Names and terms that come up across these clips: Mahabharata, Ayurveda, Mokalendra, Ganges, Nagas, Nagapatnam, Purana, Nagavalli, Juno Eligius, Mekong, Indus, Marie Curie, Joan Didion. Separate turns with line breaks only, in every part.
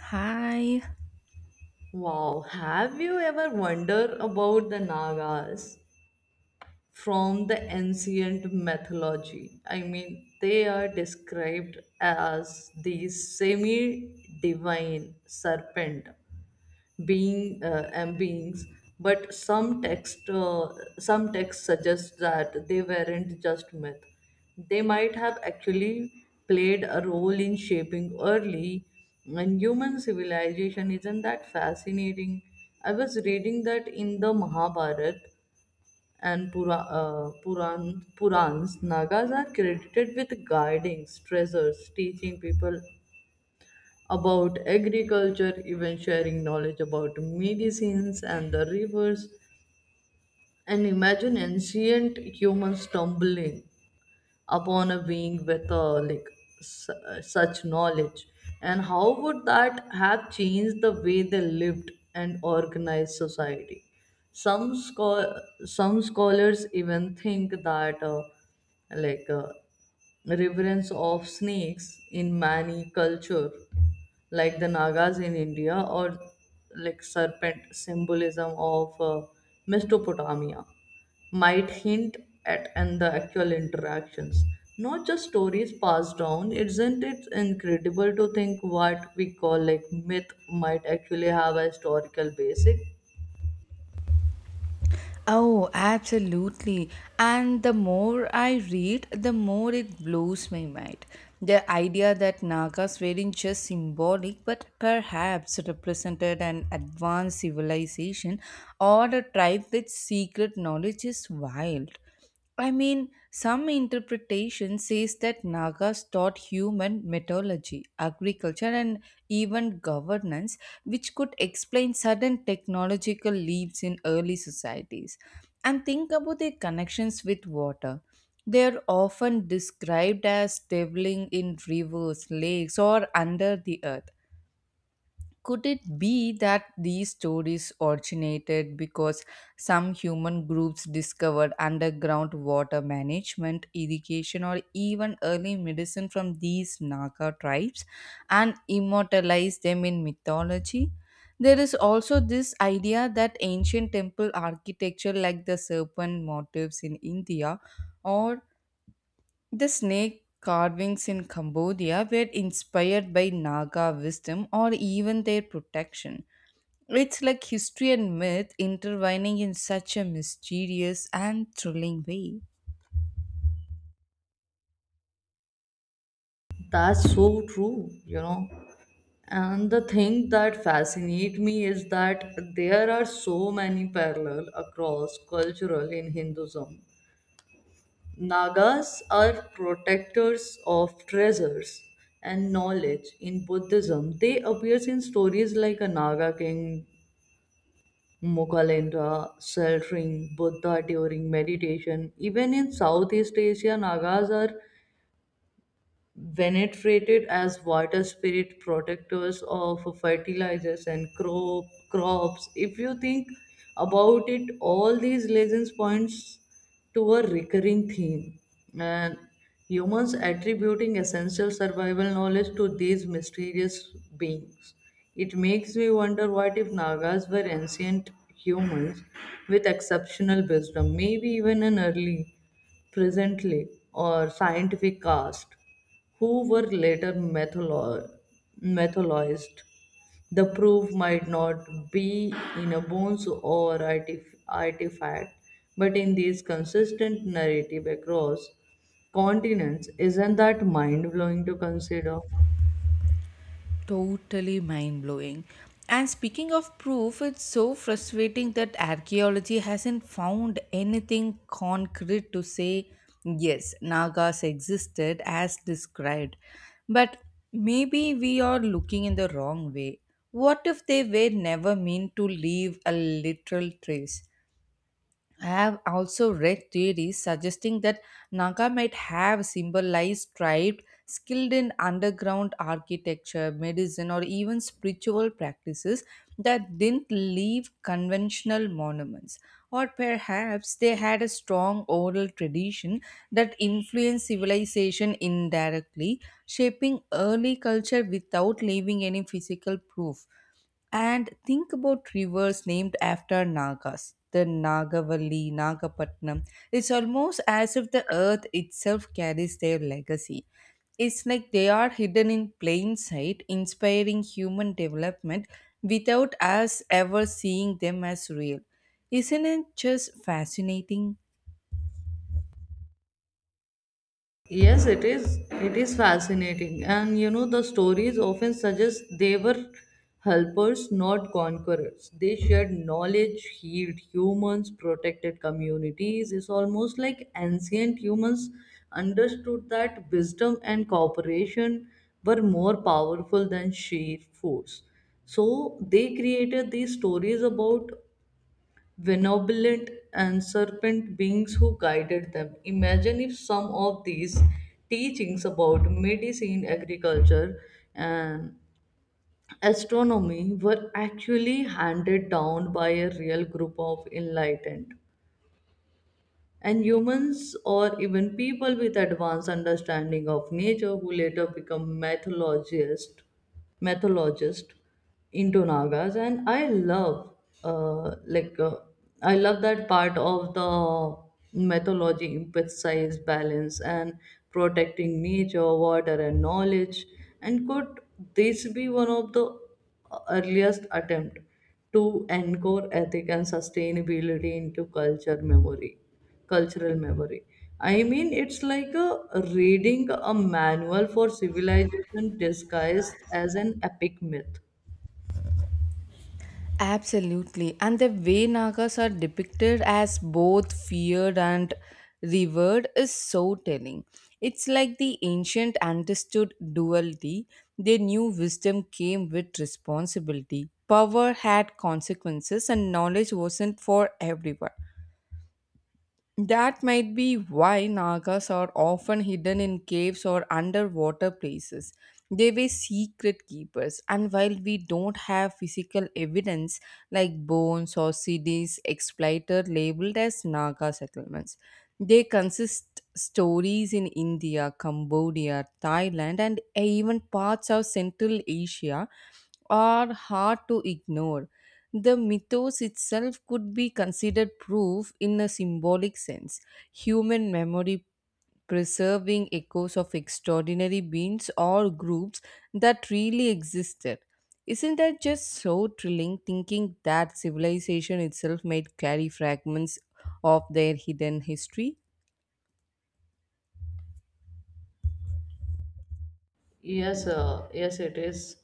Hi.
Wow, have you ever wondered about the Nagas from the ancient mythology? I mean, they are described as these semi divine serpent beings but some texts suggest that they weren't just myth, they might have actually played a role in shaping early and human civilization. Isn't that fascinating? I was reading that in the Mahabharata and Purans, Nagas are credited with guiding treasures, teaching people about agriculture, even sharing knowledge about medicines and the rivers. And imagine ancient humans stumbling upon a being with such knowledge, and how would that have changed the way they lived and organized society? Some scho- some scholars even think that like uh, reverence of snakes in many culture, like the Nagas in India, or like serpent symbolism of Mesopotamia, might hint at and the actual interactions, not just stories passed down. Isn't it incredible to think what we call like myth might actually have a historical basis?
Oh, absolutely. And the more I read, the more it blows my mind. The idea that Nagas weren't just symbolic but perhaps represented an advanced civilization or a tribe with secret knowledge is wild. Some interpretation says that Nagas taught human metallurgy, agriculture, and even governance, which could explain sudden technological leaps in early societies. And think about their connections with water. They are often described as traveling in rivers, lakes, or under the earth. Could it be that these stories originated because some human groups discovered underground water management, irrigation, or even early medicine from these Naga tribes and immortalized them in mythology? There is also this idea that ancient temple architecture, like the serpent motifs in India, or the snake carvings in Cambodia were inspired by Naga wisdom or even their protection. It's like history and myth intertwining in such a mysterious and thrilling way.
That's so true, you know. And the thing that fascinates me is that there are so many parallels across cultural in Hinduism. Nagas are protectors of treasures and knowledge. In Buddhism, they appear in stories like a Naga king, Mokalendra, sheltering Buddha during meditation. Even in Southeast Asia, Nagas are venerated as water spirit protectors of fertilizers and crops if you think about it. All these legends points to a recurring theme, and humans attributing essential survival knowledge to these mysterious beings. It makes me wonder, what if Nagas were ancient humans with exceptional wisdom, maybe even an early presently or scientific caste who were later mythologized. The proof might not be in a bones or artifact, but in this consistent narrative across continents. Isn't that mind blowing to consider?
Totally mind blowing. And speaking of proof, it's so frustrating that archaeology hasn't found anything concrete to say, yes, Nagas existed as described. But maybe we are looking in the wrong way. What if they were never meant to leave a literal trace? I have also read theories suggesting that Naga might have symbolized tribes skilled in underground architecture, medicine, or even spiritual practices that didn't leave conventional monuments. Or perhaps they had a strong oral tradition that influenced civilization indirectly, shaping early culture without leaving any physical proof. And think about rivers named after Nagas. The Nagavalli, Nagapatnam. It's almost as if the earth itself carries their legacy. It's like they are hidden in plain sight, inspiring human development without us ever seeing them as real. Isn't it just fascinating?
Yes, it is. It is fascinating. And you know, the stories often suggest they were helpers, not conquerors. They shared knowledge, healed humans, protected communities. It's almost like ancient humans understood that wisdom and cooperation were more powerful than sheer force. So they created these stories about benevolent and serpent beings who guided them. Imagine if some of these teachings about medicine, agriculture, and astronomy were actually handed down by a real group of enlightened and humans, or even people with advanced understanding of nature who later become mythologist into Nagas. And I love uh, like uh, I love that part of the mythology emphasize balance and protecting nature, water, and knowledge. And could this be one of the earliest attempt to anchor ethic and sustainability into culture memory cultural memory? I mean, it's like a reading a manual for civilization disguised as an epic myth.
Absolutely. And the way Nagas are depicted as both feared and revered is so telling. It's like the ancient understood duality. They knew wisdom came with responsibility. Power had consequences, and knowledge wasn't for everyone. That might be why Nagas are often hidden in caves or underwater places. They were secret keepers, and while we don't have physical evidence like bones or CDs exploited labeled as Naga settlements, they consist stories in India, Cambodia, Thailand, and even parts of Central Asia are hard to ignore. The mythos itself could be considered proof in a symbolic sense. Human memory preserving echoes of extraordinary beings or groups that really existed. Isn't that just so thrilling thinking that civilization itself might carry fragments of their hidden history?
Yes, it is.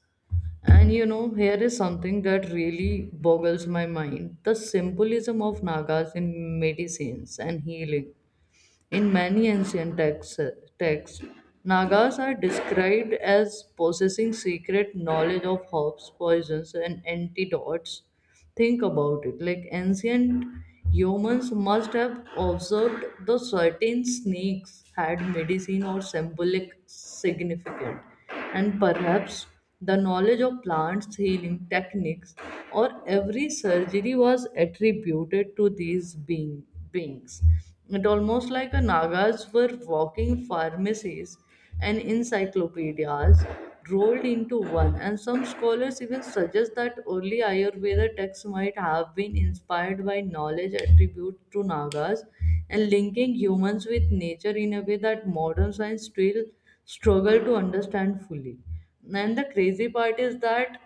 And you know, here is something that really boggles my mind, the symbolism of Nagas in medicines and healing. In many ancient texts, Nagas are described as possessing secret knowledge of herbs, poisons, and antidotes. Think about it. Like, ancient humans must have observed the certain snakes had medicine or symbolic significance, and perhaps the knowledge of plants, healing techniques, or every surgery was attributed to beings. It almost like a Nagas were walking pharmacies and encyclopedias rolled into one, and some scholars even suggest that early Ayurveda texts might have been inspired by knowledge attributed to Nagas, and linking humans with nature in a way that modern science still struggle to understand fully. And the crazy part is that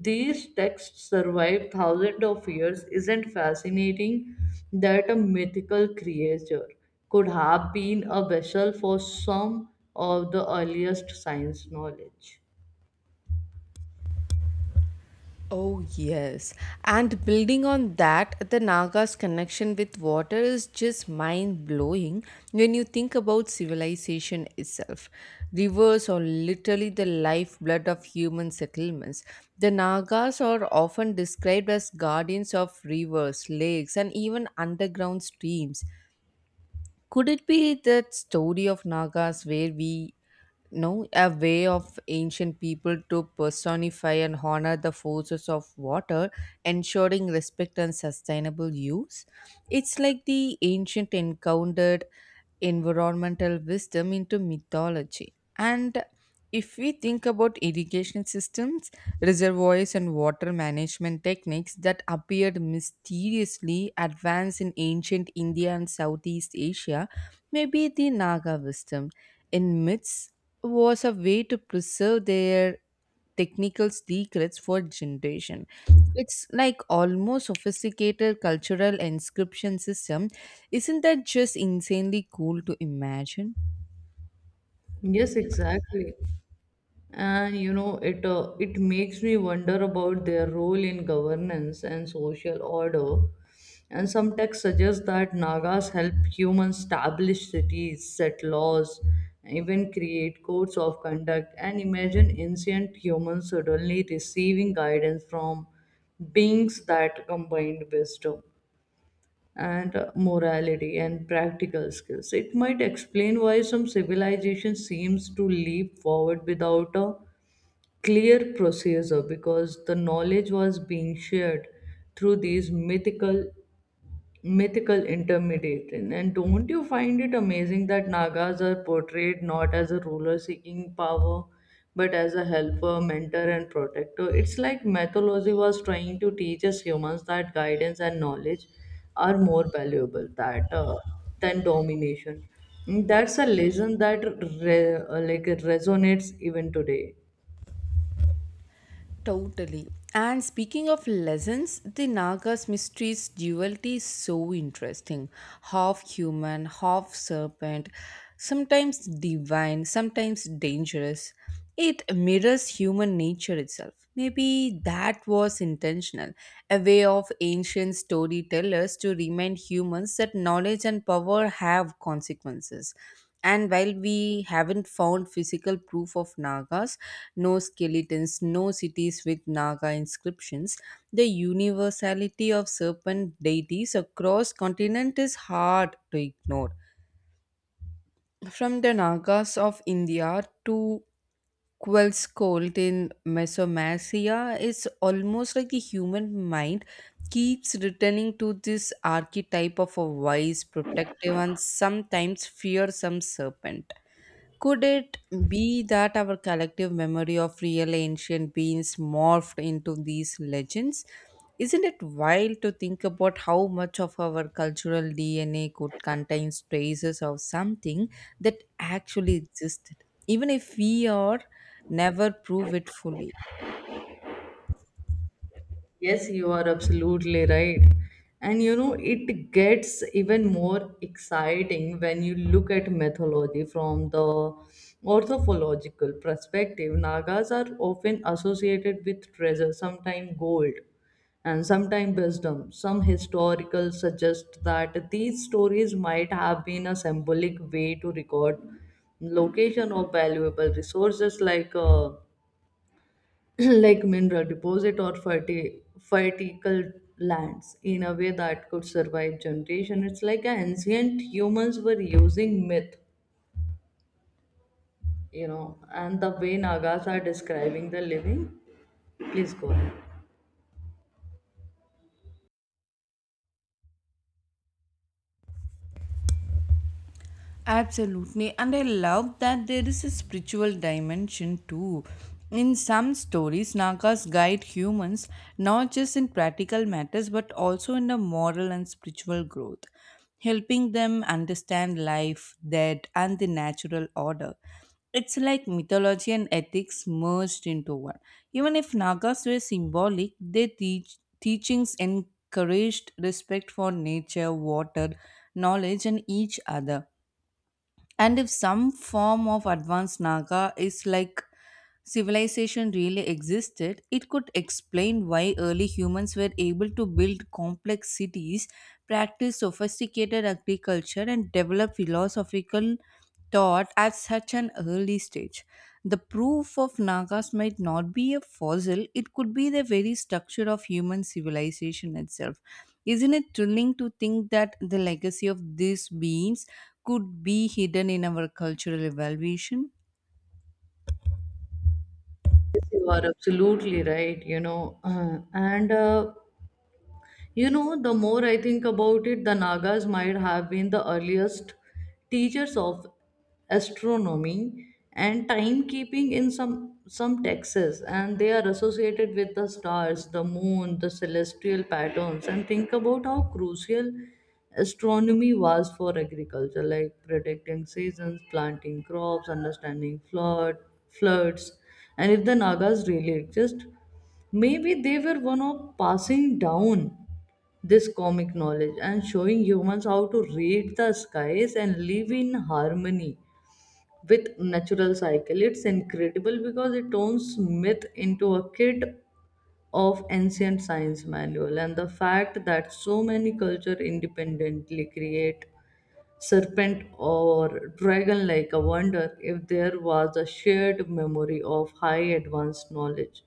these texts survived thousands of years. Isn't fascinating that a mythical creature could have been a vessel for some of the earliest science knowledge?
Oh, yes. And building on that, the Naga's connection with water is just mind blowing when you think about civilization itself. Rivers are literally the lifeblood of human settlements. The Nagas are often described as guardians of rivers, lakes, and even underground streams. Could it be that story of Nagas where we know a way of ancient people to personify and honor the forces of water, ensuring respect and sustainable use? It's like the ancient encountered environmental wisdom into mythology. And if we think about irrigation systems, reservoirs and water management techniques that appeared mysteriously advanced in ancient India and Southeast Asia, may be the Naga wisdom in myths was a way to preserve their technical secrets for generation. It's like almost sophisticated cultural inscription system. Isn't that just insanely cool to imagine?
Yes, exactly. And you know, it makes me wonder about their role in governance and social order. And some texts suggest that Nagas help humans establish cities, set laws, even create codes of conduct. And imagine ancient humans suddenly receiving guidance from beings that combined wisdom and morality and practical skills. It might explain why some civilization seems to leap forward without a clear procedure, because the knowledge was being shared through these mythical intermediates. And don't you find it amazing that Nagas are portrayed not as a ruler seeking power, but as a helper, mentor, and protector? It's like mythology was trying to teach us humans that guidance and knowledge are more valuable that than domination. Mm, that's a lesson that re- uh, like resonates even today.
Totally. And speaking of lessons, the Naga's mystery's duality is so interesting. Half human, half serpent, sometimes divine, sometimes dangerous. It mirrors human nature itself. Maybe that was intentional, a way of ancient storytellers to remind humans that knowledge and power have consequences. And while we haven't found physical proof of Nagas, no skeletons, no cities with Naga inscriptions, the universality of serpent deities across continent is hard to ignore. From the Nagas of India to Quell's cult in Mesomacia, it's almost like the human mind keeps returning to this archetype of a wise, protective, and sometimes fearsome serpent. Could it be that our collective memory of real ancient beings morphed into these legends? Isn't it wild to think about how much of our cultural DNA could contain traces of something that actually existed, even if we are never prove it fully?
Yes, you are absolutely right. And you know, it gets even more exciting when you look at mythology from the ornithological perspective. Nagas are often associated with treasure, sometimes gold, and sometimes wisdom. Some historical suggest that these stories might have been a symbolic way to record location of valuable resources like like mineral deposit or fertile lands in a way that could survive generation. It's like ancient humans were using myth, you know, and the way Nagas are describing the living. Please go ahead.
Absolutely, and I love that there is a spiritual dimension too. In some stories, Nagas guide humans not just in practical matters but also in the moral and spiritual growth, helping them understand life, death, and the natural order. It's like mythology and ethics merged into one. Even if Nagas were symbolic, their teachings encouraged respect for nature, water, knowledge, and each other. And if some form of advanced Naga is like civilization really existed, it could explain why early humans were able to build complex cities, practice sophisticated agriculture, and develop philosophical thought at such an early stage. The proof of Nagas might not be a fossil, it could be the very structure of human civilization itself. Isn't it thrilling to think that the legacy of these beings could be hidden in our cultural evaluation?
Yes, you are absolutely right, you know. And You know, the more I think about it, the Nagas might have been the earliest teachers of astronomy and timekeeping in some texts, and they are associated with the stars, the moon, the celestial patterns. And think about how crucial astronomy was for agriculture, like predicting seasons, planting crops, understanding floods. And if the Nagas really exist, maybe they were one of passing down this comic knowledge and showing humans how to read the skies and live in harmony with natural cycle. It's incredible because it turns myth into a kit of ancient science manual. And the fact that so many culture independently create serpent or dragon like, I wonder if there was a shared memory of high advanced knowledge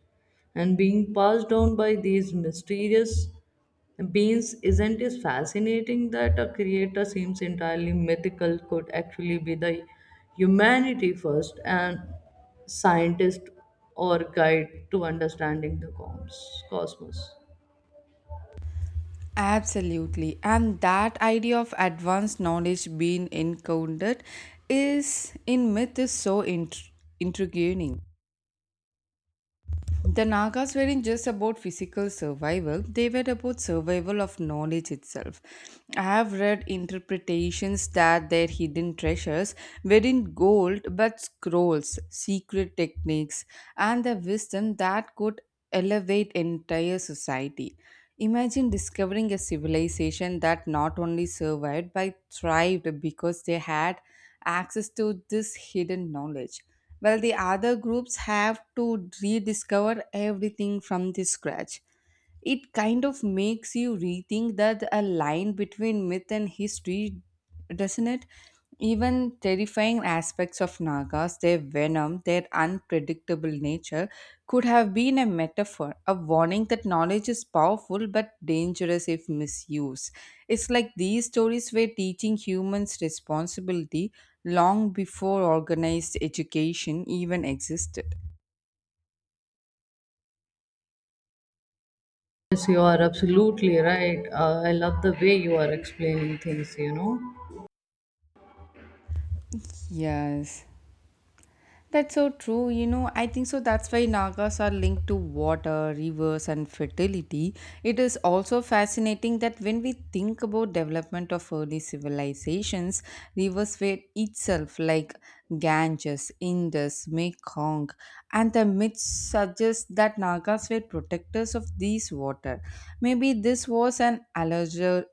and being passed down by these mysterious beings. Isn't it fascinating that a creator seems entirely mythical could actually be the humanity first and scientist or guide to understanding the cosmos?
Absolutely. And that idea of advanced knowledge being encountered is in myth is so intriguing. The Nagas weren't just about physical survival, they were about survival of knowledge itself. I have read interpretations that their hidden treasures weren't gold but scrolls, secret techniques, and the wisdom that could elevate entire society. Imagine discovering a civilization that not only survived but thrived because they had access to this hidden knowledge. Well, the other groups have to rediscover everything from the scratch. It kind of makes you rethink that a line between myth and history, doesn't it? Even terrifying aspects of Nagas, their venom, their unpredictable nature, could have been a metaphor, a warning that knowledge is powerful but dangerous if misused. It's like these stories were teaching humans responsibility long before organized education even existed.
Yes, you are absolutely right. I love the way you are explaining things, you know.
Yes. That's so true. You know, I think so. That's why Nagas are linked to water, rivers, and fertility. It is also fascinating that when we think about development of early civilizations, rivers were itself like Ganges, Indus, Mekong, and the myths suggest that Nagas were protectors of these water. Maybe this was an allergy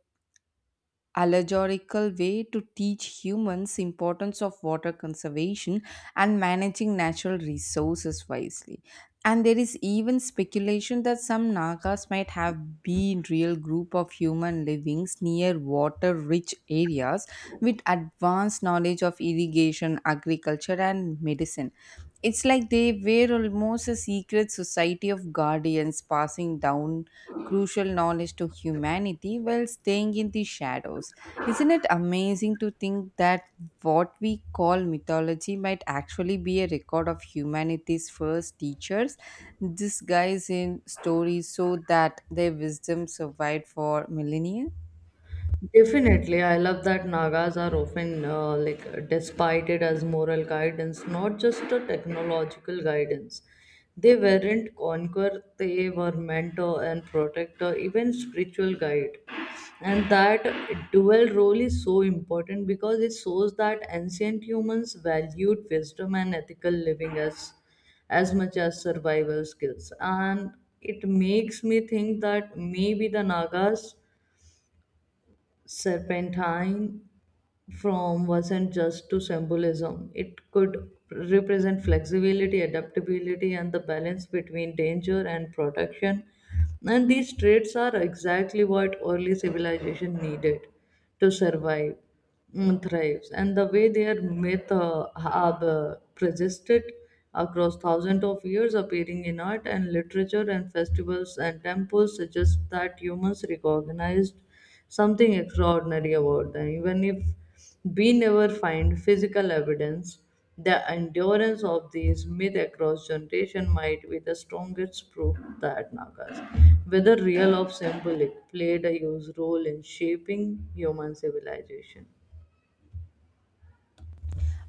allegorical way to teach humans importance of water conservation and managing natural resources wisely. And there is even speculation that some nagas might have been real group of human livings near water rich areas with advanced knowledge of irrigation agriculture and medicine. It's like they were almost a secret society of guardians passing down crucial knowledge to humanity while staying in the shadows. Isn't it amazing to think that what we call mythology might actually be a record of humanity's first teachers disguised in stories so that their wisdom survived for millennia?
Definitely. I love that Nagas are often despited as moral guidance, not just a technological guidance. They weren't conquer; they were mentor and protector, even spiritual guide. And that dual role is so important because it shows that ancient humans valued wisdom and ethical living as much as survival skills. And it makes me think that maybe the Nagas serpentine from wasn't just to symbolism. It could represent flexibility, adaptability, and the balance between danger and protection. And these traits are exactly what early civilization needed to survive and thrives. And the way their myth have persisted across thousands of years, appearing in art and literature and festivals and temples, suggests that humans recognized something extraordinary about them. Even if we never find physical evidence, the endurance of these myths across generation might be the strongest proof that Nagas, whether real or symbolic, played a huge role in shaping human civilization.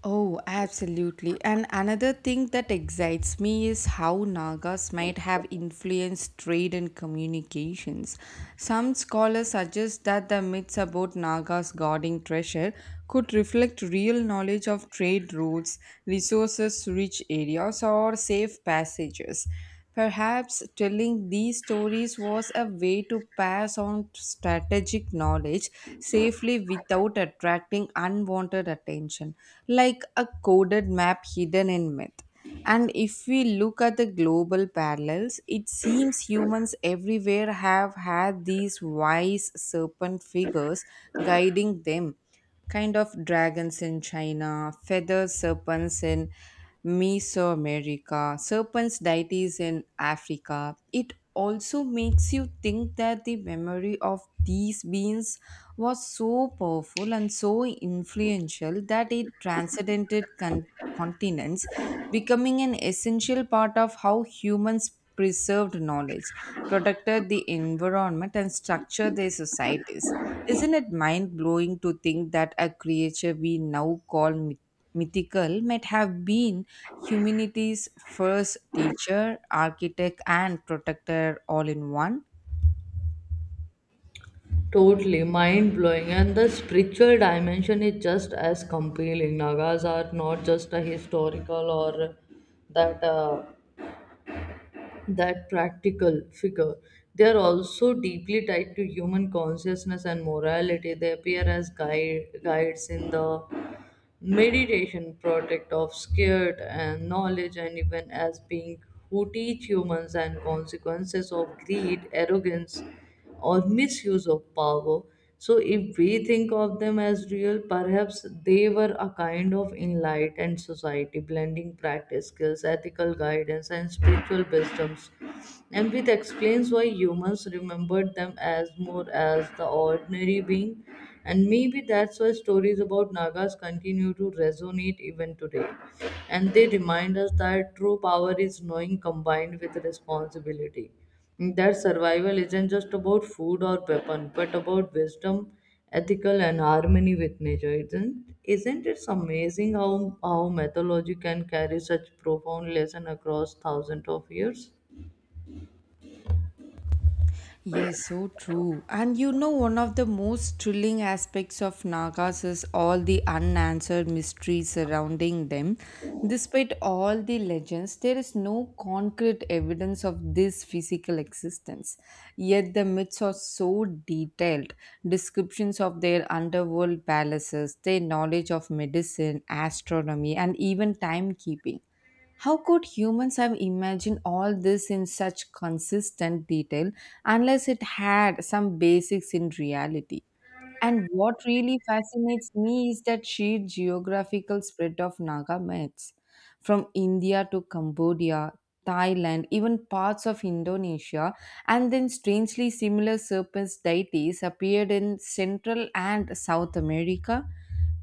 Oh, absolutely. And another thing that excites me is how Nagas might have influenced trade and communications. Some scholars suggest that the myths about Nagas guarding treasure could reflect real knowledge of trade routes, resources rich areas, or safe passages. Perhaps telling these stories was a way to pass on strategic knowledge safely without attracting unwanted attention, like a coded map hidden in myth. And if we look at the global parallels, it seems humans everywhere have had these wise serpent figures guiding them, kind of dragons in China, feather serpents in Mesoamerica, serpents deities in Africa. It also makes you think that the memory of these beings was so powerful and so influential that it transcended continents, becoming an essential part of how humans preserved knowledge, protected the environment, and structured their societies. Isn't it mind blowing to think that a creature we now call mythical might have been humanity's first teacher, architect, and protector all in one?
Totally mind blowing, and the spiritual dimension is just as compelling. Nagas are not just a historical or that uh, that practical figure. They are also deeply tied to human consciousness and morality. They appear as guides in the meditation project of scared and knowledge, and even as being who teach humans and consequences of greed, arrogance, or misuse of power. So, if we think of them as real, perhaps they were a kind of enlightened society, blending practice skills, ethical guidance, and spiritual wisdoms. Empathy explains why humans remembered them as more as the ordinary being, and maybe that's why stories about Nagas continue to resonate even today. And they remind us that true power is knowing combined with responsibility. That survival isn't just about food or weapon, but about wisdom, ethical, and harmony with nature. Isn't it amazing how mythology can carry such profound lesson across thousands of years?
Yes, so true. And you know, one of the most thrilling aspects of Nagas is all the unanswered mysteries surrounding them. Despite all the legends, there is no concrete evidence of this physical existence. Yet the myths are so detailed descriptions of their underworld palaces, their knowledge of medicine, astronomy, and even timekeeping. How could humans have imagined all this in such consistent detail unless it had some basics in reality? And what really fascinates me is that sheer geographical spread of Naga myths from India to Cambodia, Thailand, even parts of Indonesia, and then strangely similar serpent deities appeared in Central and South America.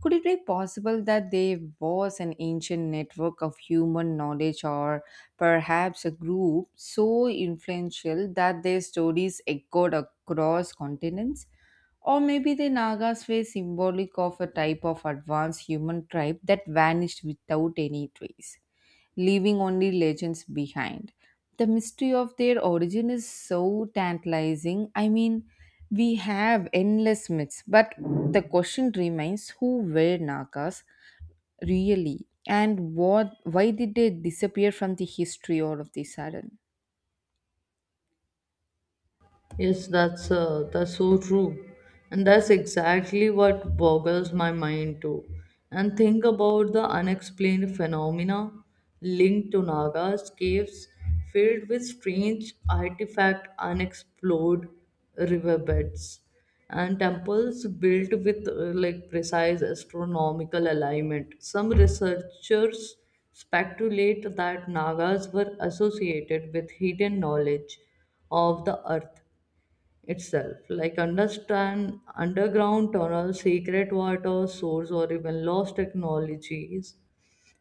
Could it be possible that there was an ancient network of human knowledge or perhaps a group so influential that their stories echoed across continents? Or maybe the Nagas were symbolic of a type of advanced human tribe that vanished without any trace, leaving only legends behind. The mystery of their origin is so tantalizing. We have endless myths, but the question remains, who were Nagas really and what why did they disappear from the history all of the sudden?
Yes, that's so true, and that's exactly what boggles my mind too. And think about the unexplained phenomena linked to Nagas caves filled with strange artifact, unexplored riverbeds, and temples built with precise astronomical alignment. Some researchers speculate that Nagas were associated with hidden knowledge of the earth itself, like understand underground tunnels, secret water source, or even lost technologies.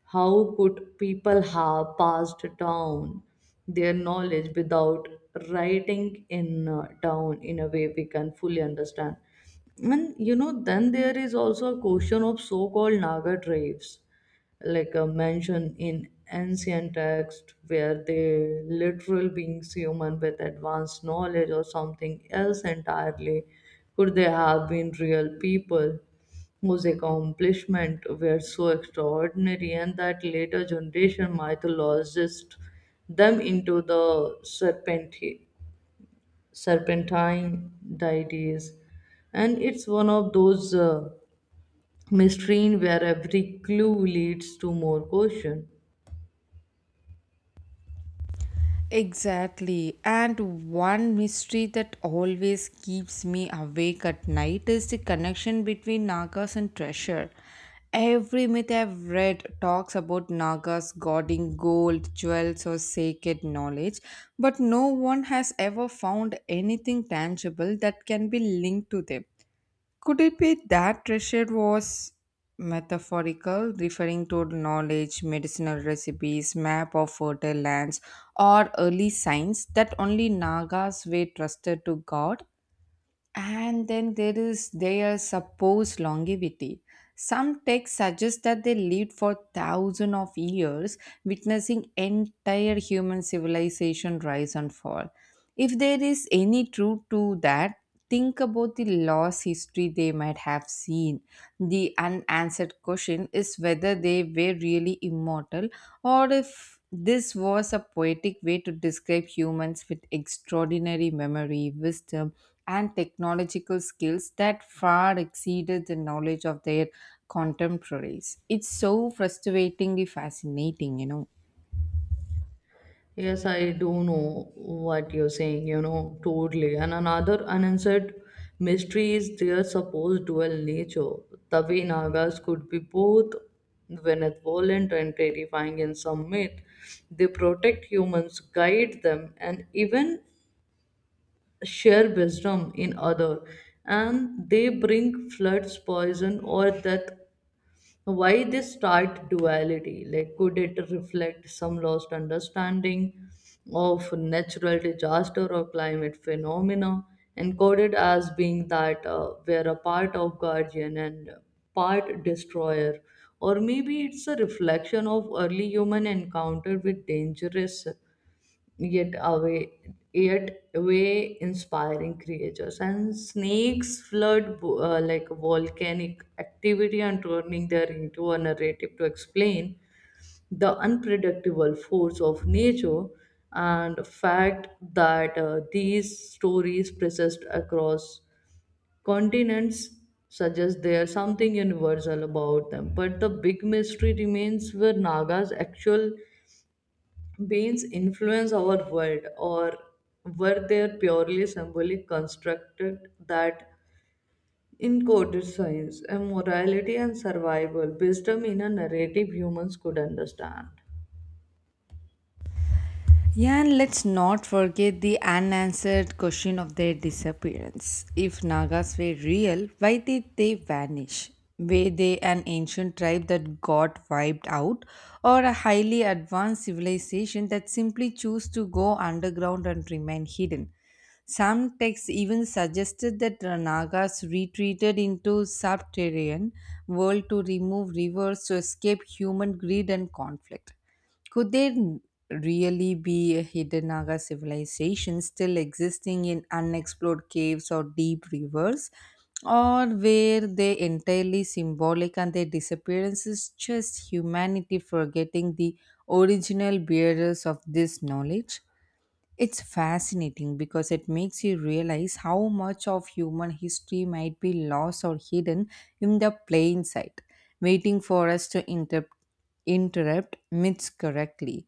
How could people have passed down their knowledge without writing in down in a way we can fully understand? And you know, then there is also a question of so-called Naga tribes, like a mention in ancient text, where they literal beings human with advanced knowledge or something else entirely. Could they have been real people whose accomplishments were so extraordinary and that later generation mythologized them into the serpentine deities? And it's one of those mysteries where every clue leads to more question.
Exactly. And one mystery that always keeps me awake at night is the connection between Nagas and treasure. Every myth I've read talks about Nagas guarding gold, jewels, or sacred knowledge, but no one has ever found anything tangible that can be linked to them. Could it be that treasure was metaphorical, referring to knowledge, medicinal recipes, map of fertile lands, or early signs that only Nagas were trusted to God? And then there is their supposed longevity. Some texts suggest that they lived for thousands of years, witnessing entire human civilization rise and fall. If there is any truth to that, think about the lost history they might have seen. The unanswered question is whether they were really immortal, or if this was a poetic way to describe humans with extraordinary memory, wisdom, and technological skills that far exceeded the knowledge of their contemporaries. It's so frustratingly fascinating.
Yes, I do know what you're saying, you know, totally. And another unanswered mystery is their supposed dual nature. The way Nagas could be both benevolent and terrifying in some myth. They protect humans, guide them, and even share wisdom in other. And they bring floods, poison, or death. Why this start duality? Like, could it reflect some lost understanding of natural disaster or climate phenomena, encoded as being that we're a part of guardian and part destroyer? Or maybe it's a reflection of early human encounter with dangerous yet away yet way inspiring creatures and snakes flood, like volcanic activity, and turning there into a narrative to explain the unpredictable force of nature, and fact that these stories persist across continents, suggests there's something universal about them. But the big mystery remains, where naga's actual beings influence our world, or were they purely symbolic constructed that encoded science and morality and survival wisdom in a narrative humans could understand.
Yeah, and let's not forget the unanswered question of their disappearance. If Nagas were real, why did they vanish? Were they an ancient tribe that got wiped out, or a highly advanced civilization that simply chose to go underground and remain hidden? Some texts even suggested that the Nagas retreated into subterranean world to remove rivers to escape human greed and conflict. Could there n- really be a hidden Naga civilization still existing in unexplored caves or deep rivers? Or were they entirely symbolic, and their disappearance is just humanity forgetting the original bearers of this knowledge? It's fascinating because it makes you realize how much of human history might be lost or hidden in the plain sight, waiting for us to interrupt myths correctly.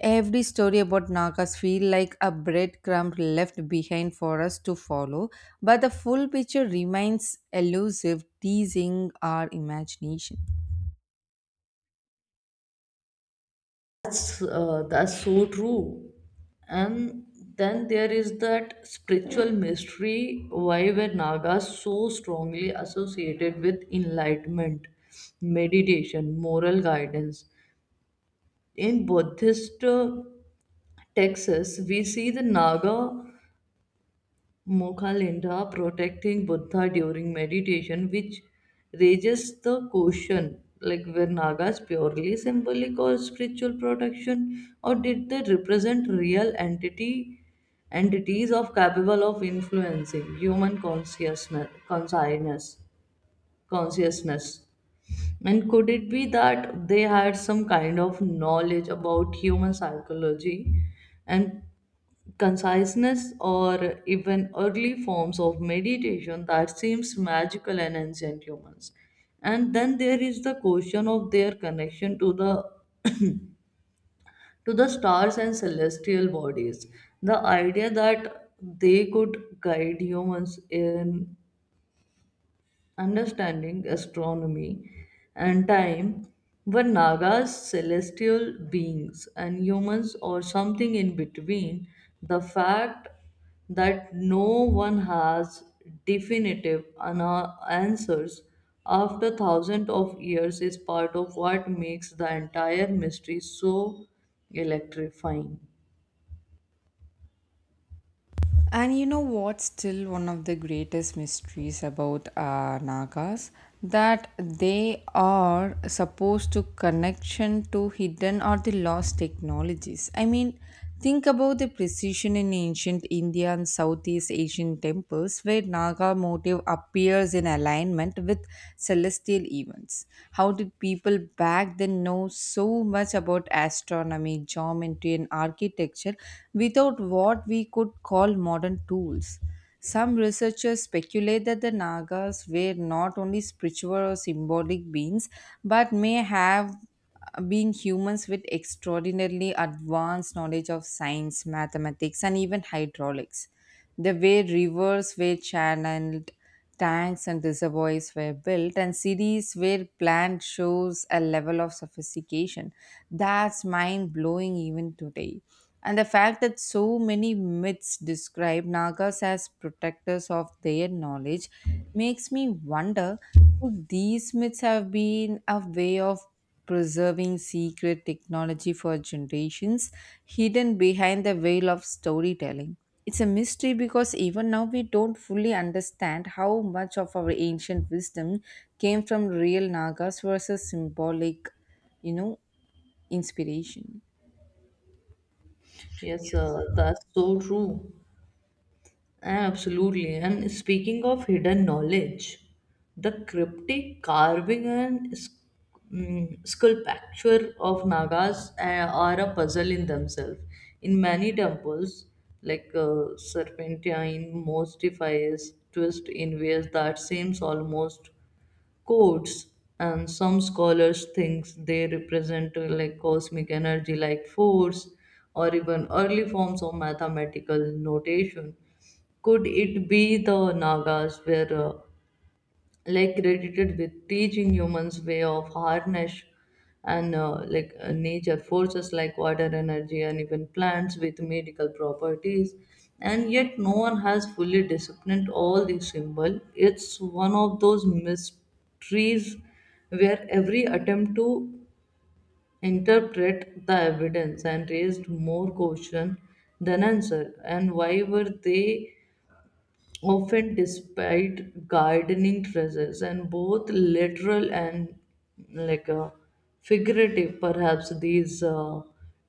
Every story about Nagas feel like a breadcrumb left behind for us to follow, but the full picture remains elusive, teasing our imagination.
That's so true. And then there is that spiritual mystery, why were nagas so strongly associated with enlightenment, meditation, moral guidance? In buddhist Texas, we see the Naga Mokalinda protecting Buddha during meditation, which raises the question, like were Nagas purely symbolic or spiritual protection, or did they represent real entity entities of capable of influencing human consciousness? And could it be that they had some kind of knowledge about human psychology and conciseness, or even early forms of meditation that seems magical in ancient humans? And then there is the question of their connection to the stars and celestial bodies. The idea that they could guide humans in understanding astronomy and time, were Nagas celestial beings and humans or something in between. The fact that no one has definitive answers after thousands of years is part of what makes the entire mystery so electrifying.
And you know what's still one of the greatest mysteries about Nagas? That they are supposed to connection to hidden or the lost technologies. I mean, think about the precision in ancient India and Southeast Asian temples where Naga motive appears in alignment with celestial events. How did people back then know so much about astronomy, geometry, and architecture without what we could call modern tools? Some researchers speculate that the Nagas were not only spiritual or symbolic beings, but may have been humans with extraordinarily advanced knowledge of science, mathematics, and even hydraulics. The way rivers were channeled, tanks and reservoirs were built, and cities were planned, shows a level of sophistication that's mind blowing even today. And the fact that so many myths describe Nagas as protectors of their knowledge makes me wonder, could these myths have been a way of preserving secret technology for generations, hidden behind the veil of storytelling? It's a mystery because even now we don't fully understand how much of our ancient wisdom came from real Nagas versus symbolic, you know, inspiration.
Yes, that's so true. Absolutely. And speaking of hidden knowledge, the cryptic carving and sculpture of Nagas are a puzzle in themselves. In many temples, like serpentine, most defies twist in ways that seems almost codes, and some scholars think they represent like cosmic energy like force or even early forms of mathematical notation. Could it be the nagas were like credited with teaching humans way of harness and nature forces like water energy and even plants with medical properties, and yet no one has fully disciplined all these symbol. It's one of those mysteries where every attempt to interpret the evidence and raised more question than answer. And why were they often despite gardening treasures and both literal and like uh, figurative? Perhaps these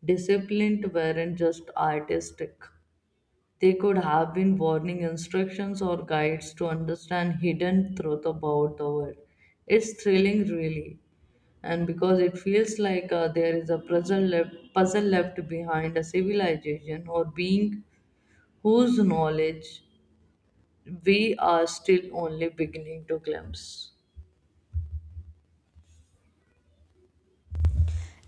disciplined weren't just artistic, they could have been warning instructions or guides to understand hidden truth about the world. It's thrilling really, and because it feels like there is a puzzle left behind a civilization or being whose knowledge we are still only beginning to glimpse.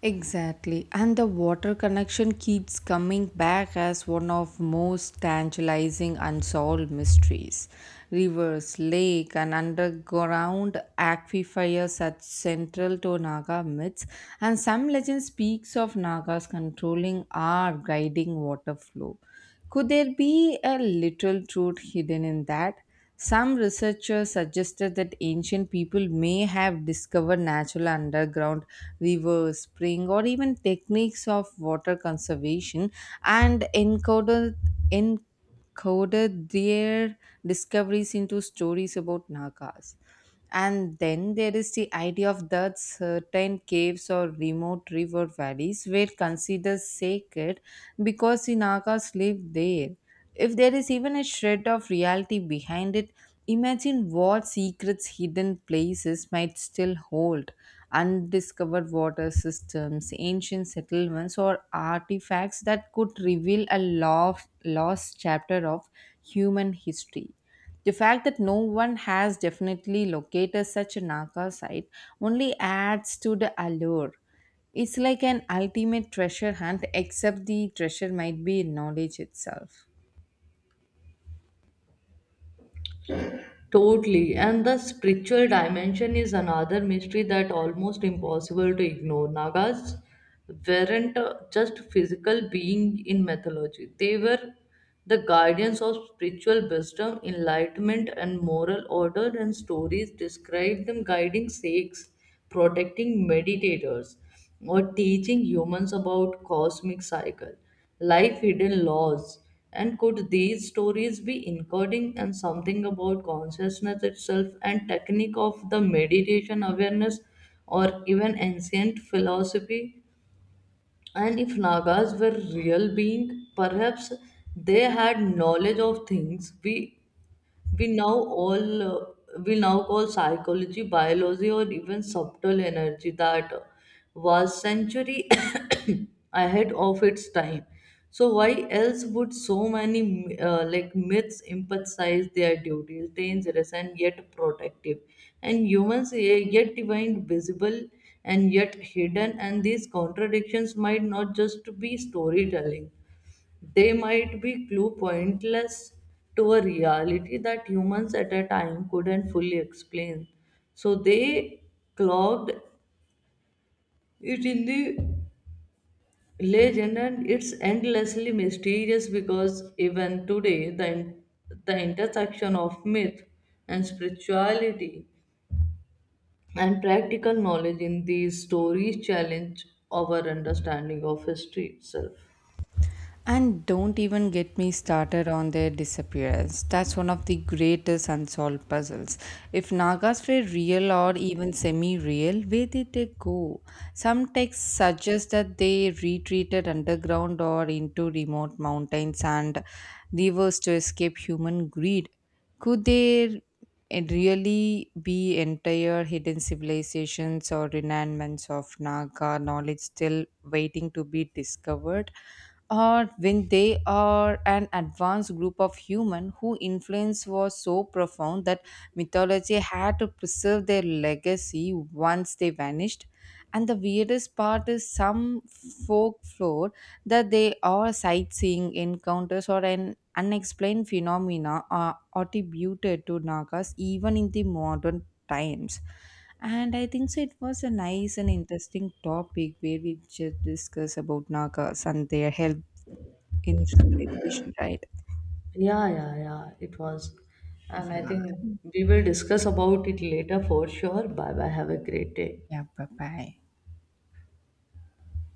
Exactly. And the water connection keeps coming back as one of most tantalizing unsolved mysteries. Rivers, lake and underground aquifers are central to Naga myths, and some legend speaks of Nagas controlling or guiding water flow. Could there be a little truth hidden in that? Some researchers suggested that ancient people may have discovered natural underground river, spring, or even techniques of water conservation and encoded their discoveries into stories about Nagas. And then there is the idea of that certain caves or remote river valleys were considered sacred because the Nagas lived there. If there is even a shred of reality behind it, imagine what secrets hidden places might still hold: undiscovered water systems, ancient settlements, or artifacts that could reveal a lost chapter of human history. The fact that no one has definitely located such a Naka site only adds to the allure. It's like an ultimate treasure hunt, except the treasure might be knowledge itself.
Totally. And the spiritual dimension is another mystery that almost impossible to ignore. Nagas weren't just physical being in mythology. They were the guardians of spiritual wisdom, enlightenment and moral order, and stories describe them guiding sages, protecting meditators or teaching humans about cosmic cycle, life hidden laws. And could these stories be encoding and something about consciousness itself and technique of the meditation awareness or even ancient philosophy? And if Nagas were real being, perhaps they had knowledge of things we now all uh, we now call psychology biology or even subtle energy that was century ahead of its time. So why else would so many like myths emphasize their duties dangerous and yet protective, and humans yet divine visible and yet hidden. And these contradictions might not just be storytelling, they might be clue pointless to a reality that humans at a time couldn't fully explain. So they clogged it in the legend, and it's endlessly mysterious because even today the intersection of myth and spirituality and practical knowledge in these stories challenge our understanding of history itself.
And don't even get me started on their disappearance. That's one of the greatest unsolved puzzles. If Nagas were real or even semi real, where did they go? Some texts suggest that they retreated underground or into remote mountains and rivers to escape human greed. Could there really be entire hidden civilizations or remnants of Naga knowledge still waiting to be discovered? Or when they are an advanced group of human whose influence was so profound that mythology had to preserve their legacy once they vanished. And the weirdest part is some folklore that they are sightseeing encounters or an unexplained phenomena are attributed to nagas even in the modern times. And I think so it was a nice and interesting topic where we just discuss about Nagas and their help in civilization, right?
Yeah, yeah, yeah, it was. And I think
Yeah.
we will discuss about it later for sure. Bye bye. Have a great day.
Yeah, bye bye.